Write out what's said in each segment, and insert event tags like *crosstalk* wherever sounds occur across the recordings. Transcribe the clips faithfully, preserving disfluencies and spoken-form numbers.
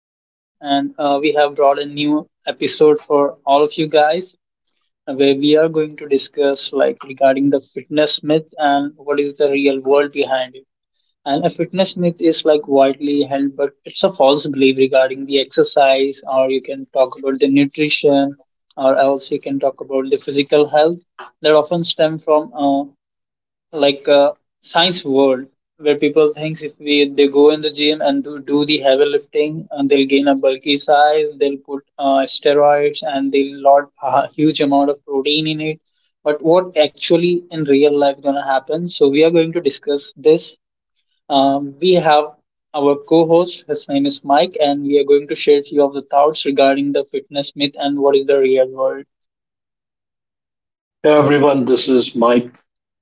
Jack, and uh, we have brought a new episode for all of you guys uh, where we are going to discuss, like, regarding the fitness myth and what is the real world behind it. And a fitness myth is like widely held, but it's a false belief regarding the exercise, or you can talk about the nutrition, or else you can talk about the physical health that often stem from uh, like a science world where people thinks if we they go in the gym and do, do the heavy lifting and they'll gain a bulky size, they'll put uh, steroids and they'll lot a huge amount of protein in it. But what actually in real life gonna happen, so we are going to discuss this. Um, we have our co-host, his name is Mike, and we are going to share few of the thoughts regarding the fitness myth and what is the real world. Hey everyone, this is Mike.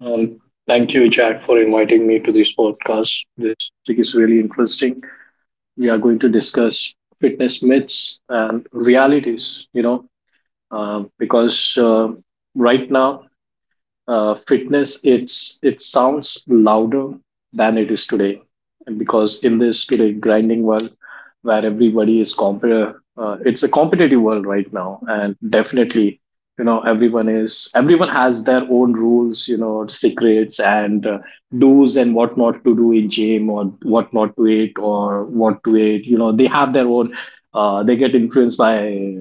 Um, Thank you, Jack, for inviting me to this podcast. This topic is really interesting. We are going to discuss fitness myths and realities, you know, um, because uh, right now uh, fitness, it's it sounds louder than it is today, and because in this today grinding world where everybody is competitive, uh, it's a competitive world right now. And definitely, you know, everyone is everyone has their own rules, you know, secrets, and uh, do's and what not to do in gym, or what not to eat or what to eat. You know, they have their own, uh, they get influenced by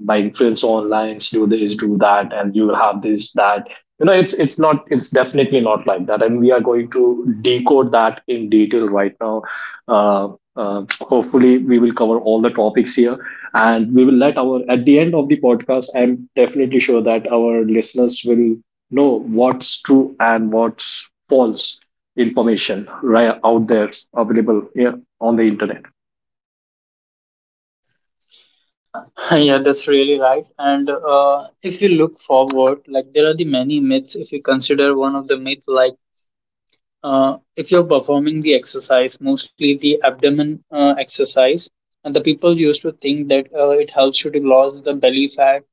by influence online. Do this, do that and you will have this that, you know. It's it's not it's definitely not like that, and we are going to decode that in detail right now. uh, uh, Hopefully we will cover all the topics here, and we will let our, at the end of the podcast, I'm definitely sure that our listeners will know what's true and what's false information right out there available, yeah, on the internet. *laughs* Yeah, that's really right. And uh, if you look forward, like, there are the many myths. If you consider one of the myths, like, uh, if you're performing the exercise, mostly the abdomen uh, exercise, and the people used to think that uh, it helps you to lose the belly fat.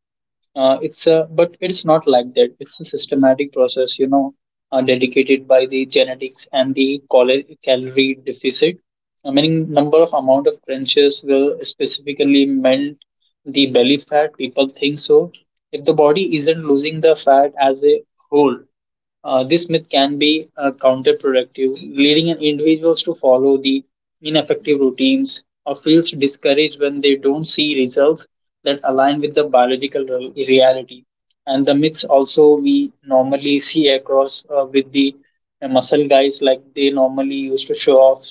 Uh, it's a but it's not like that, it's a systematic process, you know, uh, dedicated by the genetics and the cali- calorie deficit. I mean, number of amount of crunches will specifically melt the belly fat, people think so. If the body isn't losing the fat as a whole, uh, this myth can be uh, counterproductive, leading an individuals to follow the ineffective routines or feels discouraged when they don't see results that align with the biological re- reality. And the myths also we normally see across uh, with the uh, muscle guys, like, they normally used to show off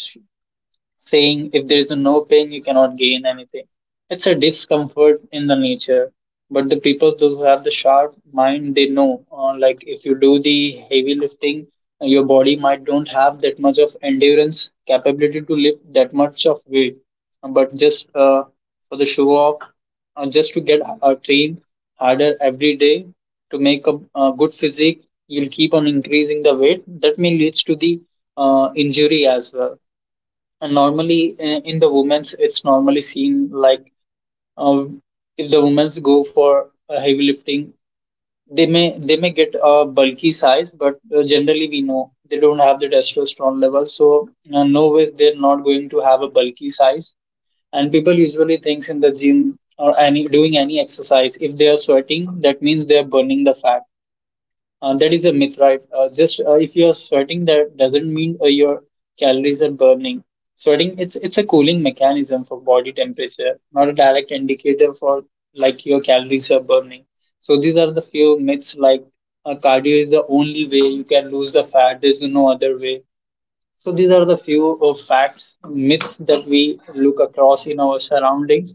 saying if there is no pain, you cannot gain anything. It's a discomfort in the nature. But the people those who have the sharp mind, they know. Uh, like, if you do the heavy lifting, your body might don't have that much of endurance capability to lift that much of weight. But just uh, for the show off, uh, just to get uh, trained harder every day to make a, a good physique, you'll keep on increasing the weight. That may leads to the uh, injury as well. And normally uh, in the women's, it's normally seen like, um, if the women's go for uh, heavy lifting, they may they may get a bulky size, but uh, generally we know they don't have the testosterone level, so uh, no way they're not going to have a bulky size. And people usually thinks in the gym or any doing any exercise, if they are sweating, that means they are burning the fat. Uh, that is a myth, right? Uh, just uh, if you are sweating, that doesn't mean uh, your calories are burning. Sweating, it's it's a cooling mechanism for body temperature, not a direct indicator for, like, your calories are burning. So these are the few myths, like, uh, cardio is the only way you can lose the fat. There's no other way. So these are the few of facts, myths that we look across in our surroundings,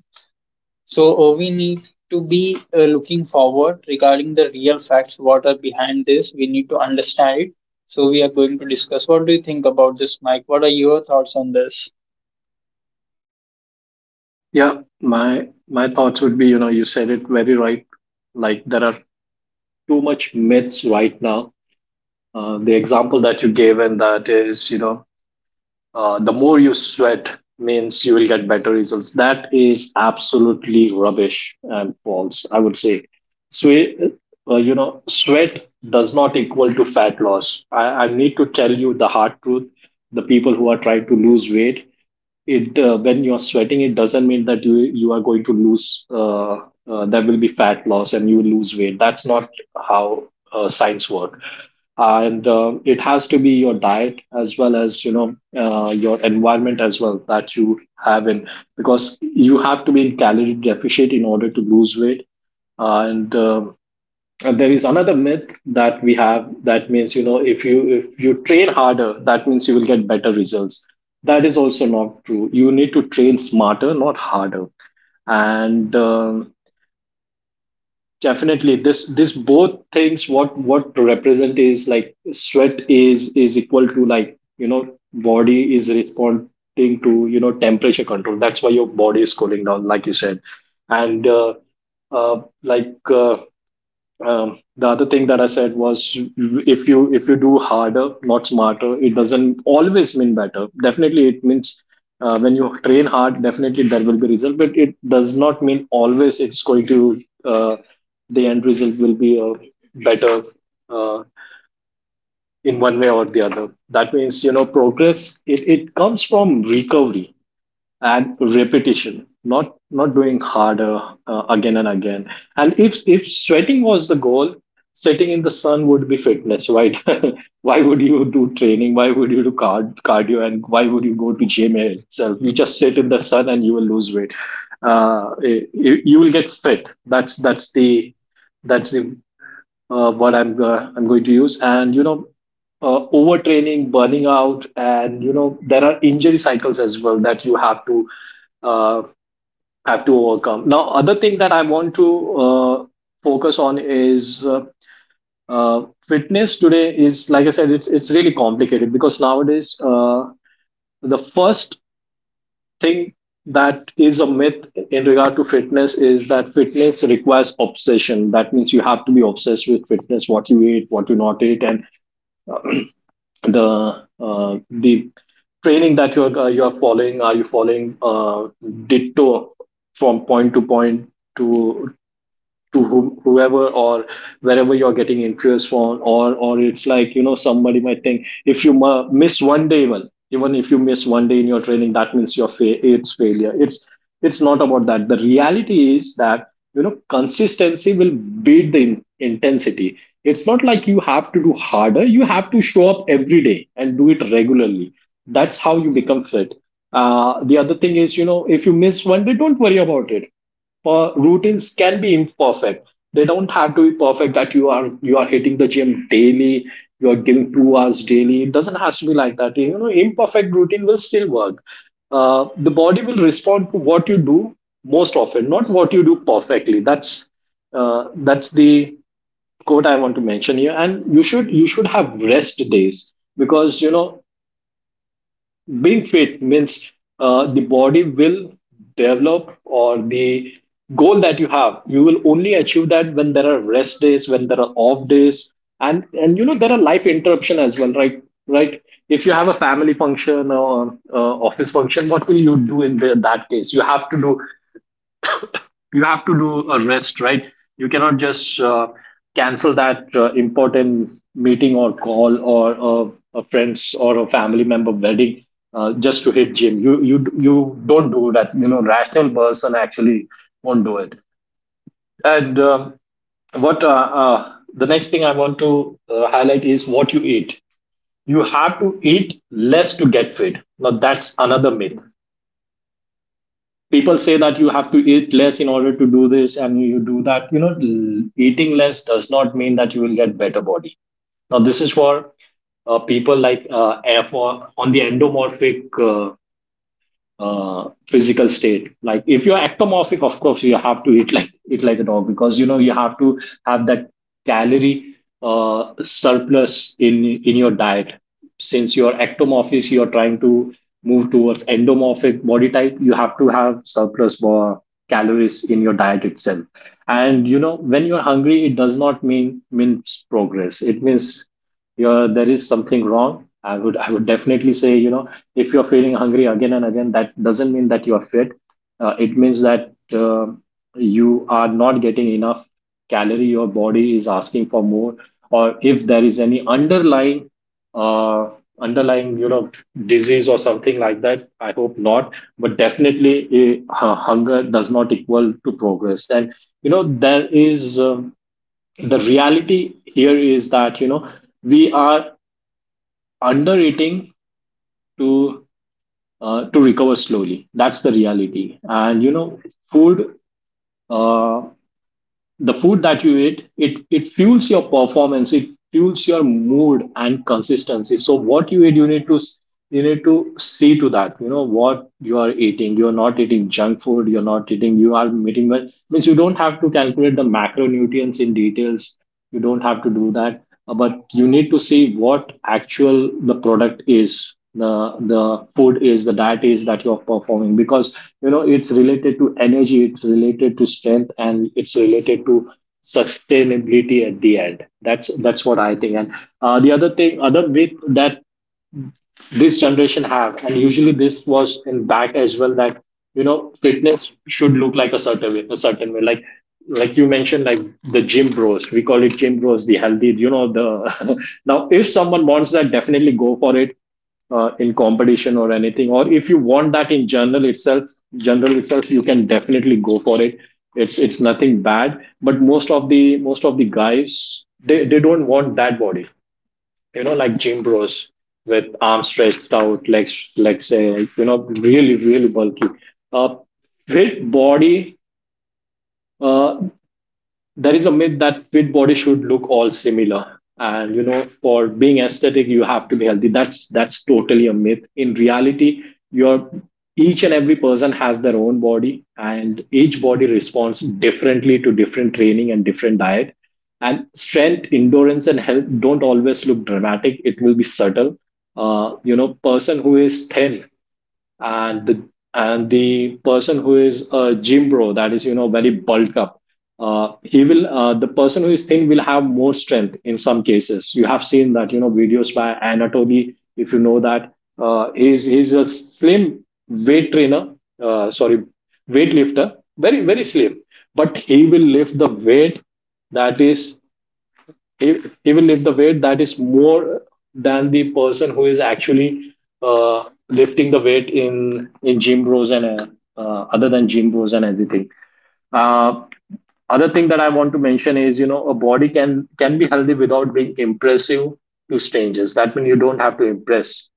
so uh, we need to be uh, looking forward regarding the real facts. What are behind this? We need to understand it. So we are going to discuss. What do you think about this, Mike? What are your thoughts on this? Yeah, my my thoughts would be, you know, you said it very right. Like, there are too much myths right now. Uh, the example that you gave, and that is, you know, uh, the more you sweat means you will get better results. That is absolutely rubbish and false, I would say. Sweat, uh, you know, sweat does not equal to fat loss. I, I need to tell you the hard truth. The people who are trying to lose weight, it uh, when you're sweating, it doesn't mean that you you are going to lose, uh, uh, there will be fat loss and you will lose weight. That's not how uh, science work. And uh, it has to be your diet, as well as, you know, uh, your environment as well, that you have in, because you have to be in calorie deficit in order to lose weight. And uh, and there is another myth that we have, that means, you know, if you if you train harder, that means you will get better results. That is also not true. You need to train smarter, not harder. And um definitely, this this both things, what what represent is like sweat is is equal to, like, you know, body is responding to, you know, temperature control. That's why your body is cooling down, like you said. And uh, uh, like uh, um, the other thing that I said was, if you if you do harder, not smarter, it doesn't always mean better. Definitely, it means, uh, when you train hard, definitely there will be result, but it does not mean always it's going to, uh, the end result will be uh, better uh, in one way or the other. That means, you know, progress. It it comes from recovery and repetition, not not doing harder uh, again and again. And if if sweating was the goal, sitting in the sun would be fitness, right? *laughs* Why would you do training, why would you do card, cardio, and why would you go to gym itself? You just sit in the sun and you will lose weight, uh, you, you will get fit. That's that's the that's the uh, what i'm uh, i'm going to use. And you know, uh, overtraining, burning out, and you know, there are injury cycles as well that you have to uh, have to overcome. Now, other thing that I want to uh, focus on is uh, uh, fitness today is, like I said, it's it's really complicated, because nowadays uh, the first thing that is a myth in regard to fitness is that fitness requires obsession. That means you have to be obsessed with fitness, what you eat, what you not eat, and the uh, the training that you're uh, you're following. Are you following uh, ditto from point to point to to whom, whoever, or wherever you're getting interest from, or or it's like, you know, somebody might think if you ma- miss one day, even even if you miss one day in your training, that means your fa- it's failure. it's it's not about that. The reality is that, you know, consistency will beat the in- intensity. It's not like you have to do harder, you have to show up every day and do it regularly. That's how you become fit. Uh, the other thing is, you know, if you miss one day, don't worry about it. Uh, routines can be imperfect, they don't have to be perfect, that you are, you are hitting the gym daily, you are giving two hours daily. It doesn't have to be like that. You know, imperfect routine will still work. Uh, the body will respond to what you do most often, not what you do perfectly. That's uh, that's the quote I want to mention here. And you should you should have rest days, because you know, being fit means uh, the body will develop, or the goal that you have, you will only achieve that when there are rest days, when there are off days. And and you know, there are life interruption as well, right? Right, if you have a family function, or uh, office function, what will you do in the, that case? You have to do, you have to do a rest, right? You cannot just uh, cancel that uh, important meeting or call, or uh, a friend's or a family member wedding, uh, just to hit gym. You you you don't do that. You know, rational person actually won't do it. And um what uh, uh, the next thing I want to uh, highlight is what you eat. You have to eat less to get fit. Now that's another myth. People say that you have to eat less in order to do this and you do that, you know. L- eating less does not mean that you will get better body. Now this is for uh, people like, uh, F, or on the endomorphic uh, uh, physical state. Like if you're ectomorphic, of course you have to eat, like eat like a dog, because you know, you have to have that calorie uh, surplus in in your diet. Since you're ectomorphic, you're trying to move towards endomorphic body type, you have to have surplus more calories in your diet itself. And you know, when you're hungry, it does not mean means progress. It means you're, there is something wrong. I would I would definitely say, you know, if you're feeling hungry again and again, that doesn't mean that you're fit. Uh, it means that uh, you are not getting enough calorie, your body is asking for more, or if there is any underlying uh, underlying, you know, disease or something like that. I hope not, but definitely, eh, hunger does not equal to progress. And you know, there is, um, the reality here is that, you know, we are under eating to uh, to recover slowly. That's the reality. And you know, food, uh, the food that you eat, it it fuels your performance, it fuels your mood and consistency. So what you eat, you need to s- you need to see to that, you know, what you are eating, you're not eating junk food, you're not eating, you are meeting well. Means you don't have to calculate the macronutrients in details, you don't have to do that. Uh, but you need to see what actual the product is, the the food is, the diet is, that you're performing, because you know, it's related to energy, it's related to strength, and it's related to sustainability at the end. That's that's what I think. And uh, the other thing, other bit that this generation have, and usually this was in back as well, that you know, fitness should look like a certain way. A certain way like like you mentioned, like the gym bros, we call it gym bros, the healthy, you know, the *laughs* now if someone wants that, definitely go for it, uh, in competition or anything, or if you want that in general itself, general itself, you can definitely go for it. it's it's nothing bad, but most of the, most of the guys, they, they don't want that body, you know, like gym bros, with arms stretched out, legs, legs, uh, you know, really, really bulky. Uh, Fit body. Uh, there is a myth that fit body should look all similar, and you know, for being aesthetic you have to be healthy. That's that's totally a myth. In reality, your each and every person has their own body, and each body responds differently to different training and different diet. And strength, endurance and health don't always look dramatic. It will be subtle. Uh, you know, person who is thin, and the and the person who is a gym bro, that is you know very bulked up. Uh, he will uh, The person who is thin will have more strength in some cases. You have seen that, you know, videos by Anatoly, if you know that. Uh, he's he's a slim weight trainer, uh, sorry, weightlifter, very very slim. But he will lift the weight, that is e- even if the weight that is more than the person who is actually uh, lifting the weight in in gym rows, and uh, uh, other than gym rows and everything. Uh, Other thing that I want to mention is, you know, a body can can be healthy without being impressive to strangers. That means you don't have to impress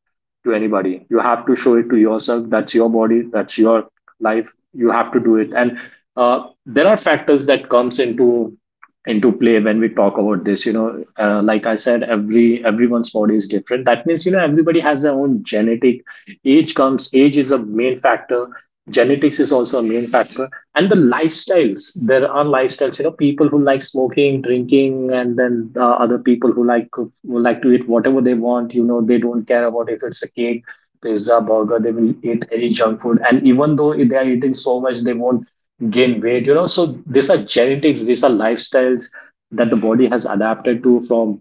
to anybody. You have to show it to yourself. That's your body. That's your life. You have to do it. And uh, there are factors that comes into into play when we talk about this. You know, uh, like I said, every everyone's body is different. That means you know everybody has their own genetic. Age comes. Age is a main factor. Genetics is also a main factor. And the lifestyles, there are lifestyles, you know, people who like smoking, drinking, and then uh, other people who like who like to eat whatever they want. You know, they don't care about if it's a cake, pizza, burger, they will eat any junk food, and even though they are eating so much, they won't gain weight, you know. So these are genetics, these are lifestyles that the body has adapted to from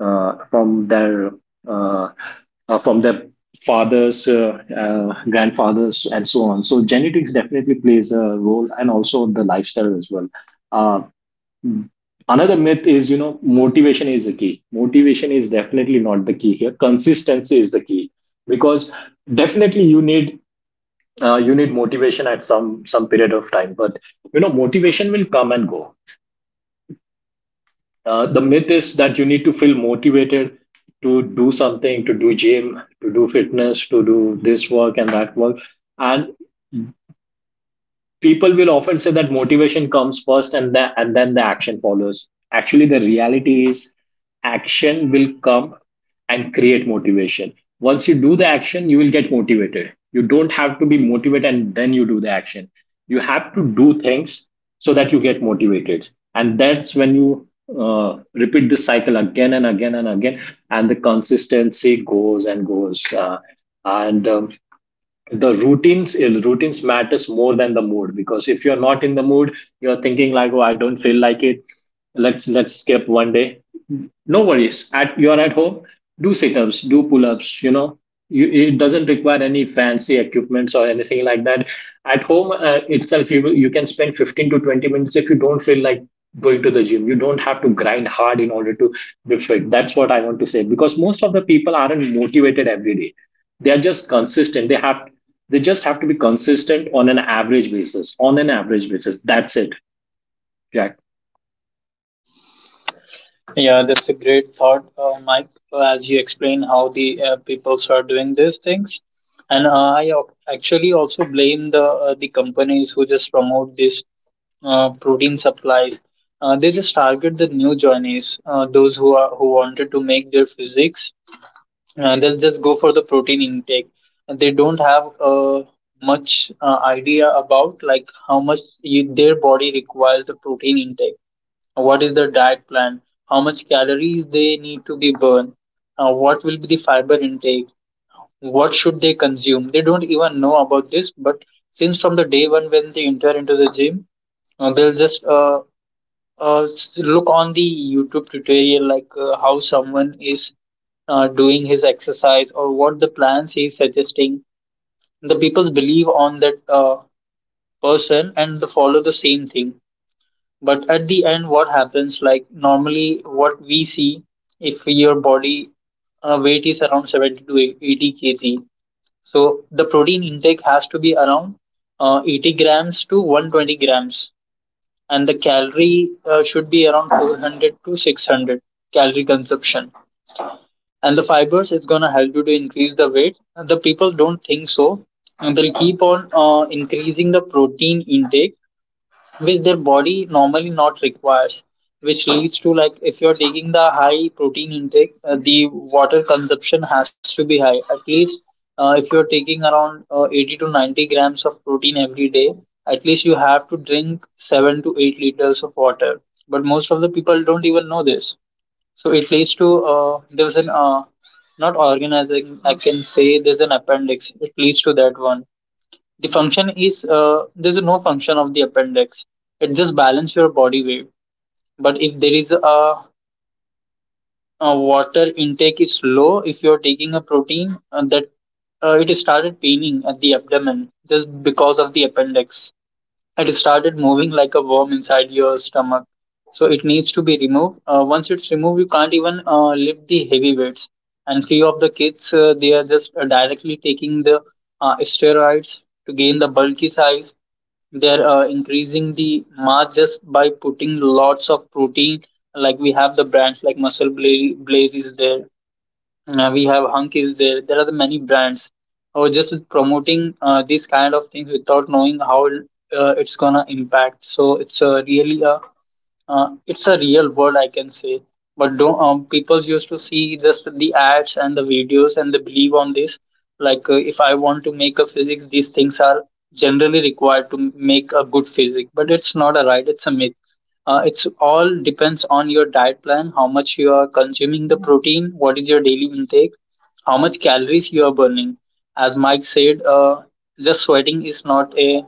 uh, from their uh, uh, from their fathers, uh, uh, grandfathers, and so on. So genetics definitely plays a role, and also the lifestyle as well. Uh, Another myth is, you know, motivation is the key. Motivation is definitely not the key here. Consistency is the key, because definitely you need uh, you need motivation at some some period of time, but you know motivation will come and go. Uh, the myth is that you need to feel motivated to do something, to do gym, to do fitness, to do this work and that work. And people will often say that motivation comes first and that and then the action follows. Actually the reality is action will come and create motivation. Once you do the action, you will get motivated. You don't have to be motivated and then you do the action. You have to do things so that you get motivated, and that's when you uh, repeat this cycle again and again and again, and the consistency goes and goes, uh, and um, the routines il- routines matters more than the mood. Because if you're not in the mood, you're thinking like, oh, I don't feel like it, let's let's skip one day. No worries, at you're at home, do sit-ups, do pull-ups, you know, you, it doesn't require any fancy equipments or anything like that. At home uh, itself, you will- you can spend fifteen to twenty minutes. If you don't feel like going to the gym, you don't have to grind hard in order to be fit. That's what I want to say, because most of the people aren't motivated every day. They are just consistent. They have they just have to be consistent on an average basis. On an average basis, that's it, Jack. Yeah, that's a great thought, uh, Mike, as you explain how the uh, peoples are doing these things. And uh, I al- actually also blame the uh, the companies who just promote these uh, protein supplies. Uh, they just target the new joinees, uh, those who are who wanted to make their physiques. Uh, they'll just go for the protein intake, and they don't have uh, much uh, idea about, like, how much you, their body requires the protein intake, what is their diet plan, how much calories they need to be burned, uh, what will be the fiber intake, what should they consume. They don't even know about this, but since from the day one when they enter into the gym, uh, they'll just uh, uh, s- look on the YouTube tutorial, like, uh, how someone is uh, doing his exercise or what the plans he's suggesting. The people believe on that uh, person and they follow the same thing. But at the end, what happens? Like normally, what we see, if your body uh, weight is around seventy to eighty kilograms, so the protein intake has to be around uh, eighty grams to one hundred twenty grams, and the calorie uh, should be around four hundred to six hundred calorie consumption. And the fibers is gonna help you to increase the weight. The people don't think so, and they'll keep on uh, increasing the protein intake which their body normally not requires, which leads to, like, if you're taking the high protein intake, uh, the water consumption has to be high. At least uh, if you're taking around uh, eighty to ninety grams of protein every day, at least you have to drink seven to eight liters of water, but most of the people don't even know this. So it leads to uh, there's an uh, not organizing, I can say there's an appendix, it leads to that one. The function is uh, there's no function of the appendix. It just balance your body weight. But if there is a, a water intake is low, if you're taking a protein, uh, that uh, it started paining at the abdomen just because of the appendix. It started moving like a worm inside your stomach. So it needs to be removed. Uh, once it's removed, you can't even uh, lift the heavy weights. And few of the kids, uh, they are just uh, directly taking the uh, steroids to gain the bulky size. They're uh, increasing the mass just by putting lots of protein. Like, we have the brands like Muscle Blaze, Blaze is there, uh, we have Hunk is there. There are the many brands. Or just with promoting uh, these kind of things without knowing how uh, it's gonna impact. So it's a really a uh, it's a real world, I can say. But don't um, people used to see just the ads and the videos and they believe on this. Like, uh, if I want to make a physique, these things are generally required to make a good physique. But it's not a right. It's a myth. Uh, it's all depends on your diet plan, how much you are consuming the protein, what is your daily intake, how much calories you are burning. As Mike said, uh, just sweating is not a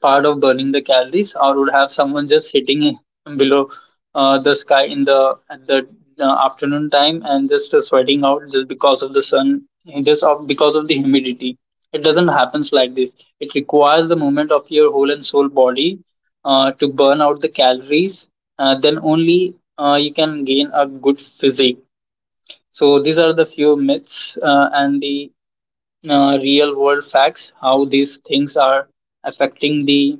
part of burning the calories, or would have someone just sitting below uh, the sky in the at the uh, afternoon time and just uh, sweating out just because of the sun, just of, because of the humidity. It doesn't happen like this. It requires the movement of your whole and soul body uh, to burn out the calories. Uh, then only uh, you can gain a good physique. So these are the few myths uh, and the uh, real world facts how these things are affecting the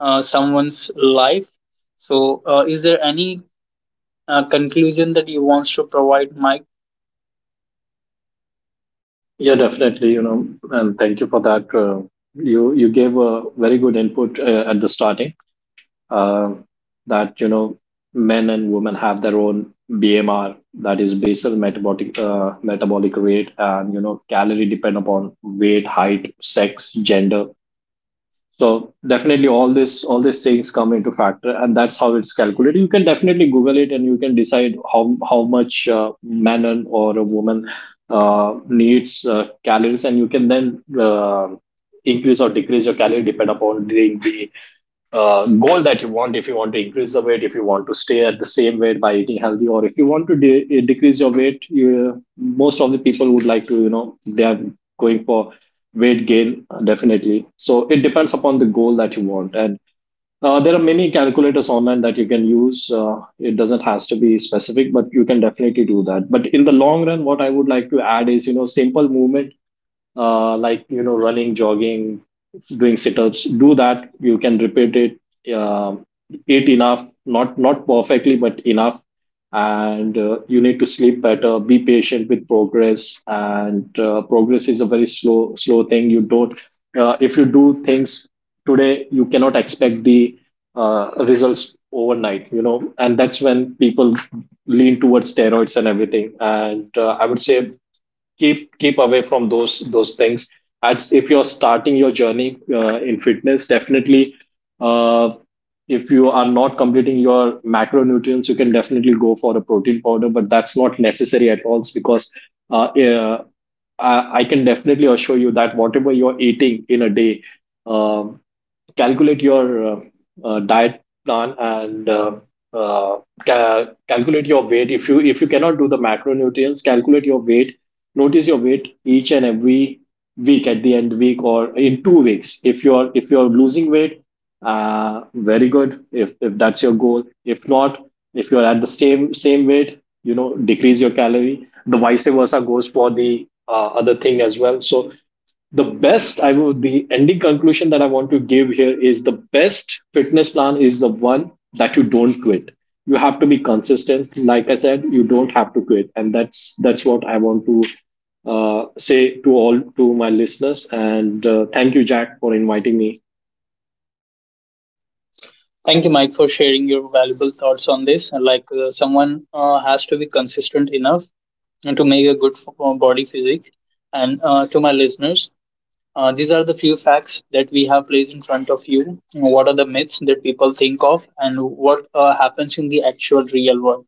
uh, someone's life. So uh, is there any uh, conclusion that you wants to provide, Mike? Yeah, definitely. You know, and thank you for that. Uh, you you gave a very good input uh, at the starting. Uh, that you know, men and women have their own B M R, that is basal metabolic uh, metabolic rate, and you know, calorie depend upon weight, height, sex, gender. So definitely all this all these things come into factor, and that's how it's calculated. You can definitely Google it, and you can decide how how much uh, man or a woman uh, needs uh, calories, and you can then uh, increase or decrease your calorie depend upon the, the uh, goal that you want. If you want to increase the weight, if you want to stay at the same weight by eating healthy, or if you want to de- eh, decrease your weight, you, most of the people would like to, you know, they are going for weight gain, uh, definitely. So it depends upon the goal that you want, and uh, there are many calculators online that you can use. Uh, it doesn't has to be specific, but you can definitely do that. But in the long run, what I would like to add is, you know, simple movement uh, like, you know, running, jogging, doing sit-ups, do that, you can repeat it. Uh, eat enough, not not perfectly, but enough, and uh, you need to sleep better, be patient with progress. And uh, progress is a very slow slow thing. You don't, uh, if you do things today, you cannot expect the uh, results overnight, you know. And that's when people lean towards steroids and everything, and uh, I would say, keep keep away from those those things. As if you're starting your journey uh, in fitness, definitely, uh, if you are not completing your macronutrients, you can definitely go for a protein powder, but that's not necessary at all. Because uh, uh, I, I can definitely assure you that whatever you're eating in a day. Um, Calculate your uh, uh, diet plan, and uh, uh, ca- calculate your weight. If you, if you cannot do the macronutrients, calculate your weight, notice your weight each and every week at the end week or in two weeks. If you're, if you're losing weight, uh, very good, if if that's your goal. If not, if you're at the same same weight, you know, decrease your calorie. The vice versa goes for the uh, other thing as well. So the best, I would, the ending conclusion that I want to give here is, the best fitness plan is the one that you don't quit. You have to be consistent, like I said. You don't have to quit, and that's that's what I want to uh, say to all, to my listeners. And uh, thank you, Jack, for inviting me. Thank you, Mike, for sharing your valuable thoughts on this. Like, uh, someone uh, has to be consistent enough to make a good f- uh, body physique. And uh, to my listeners, uh, these are the few facts that we have placed in front of you. What are the myths that people think of, and what uh, happens in the actual real world?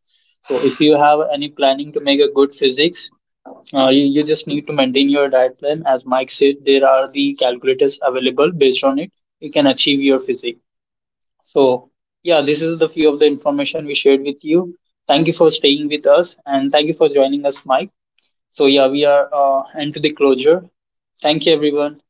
So, if you have any planning to make a good physics, uh, you, you just need to maintain your diet plan. As Mike said, there are the calculators available based on it. You can achieve your physics. So, yeah, this is the few of the information we shared with you. Thank you for staying with us, and thank you for joining us, Mike. So, yeah, we are uh, into the closure. Thank you, everyone.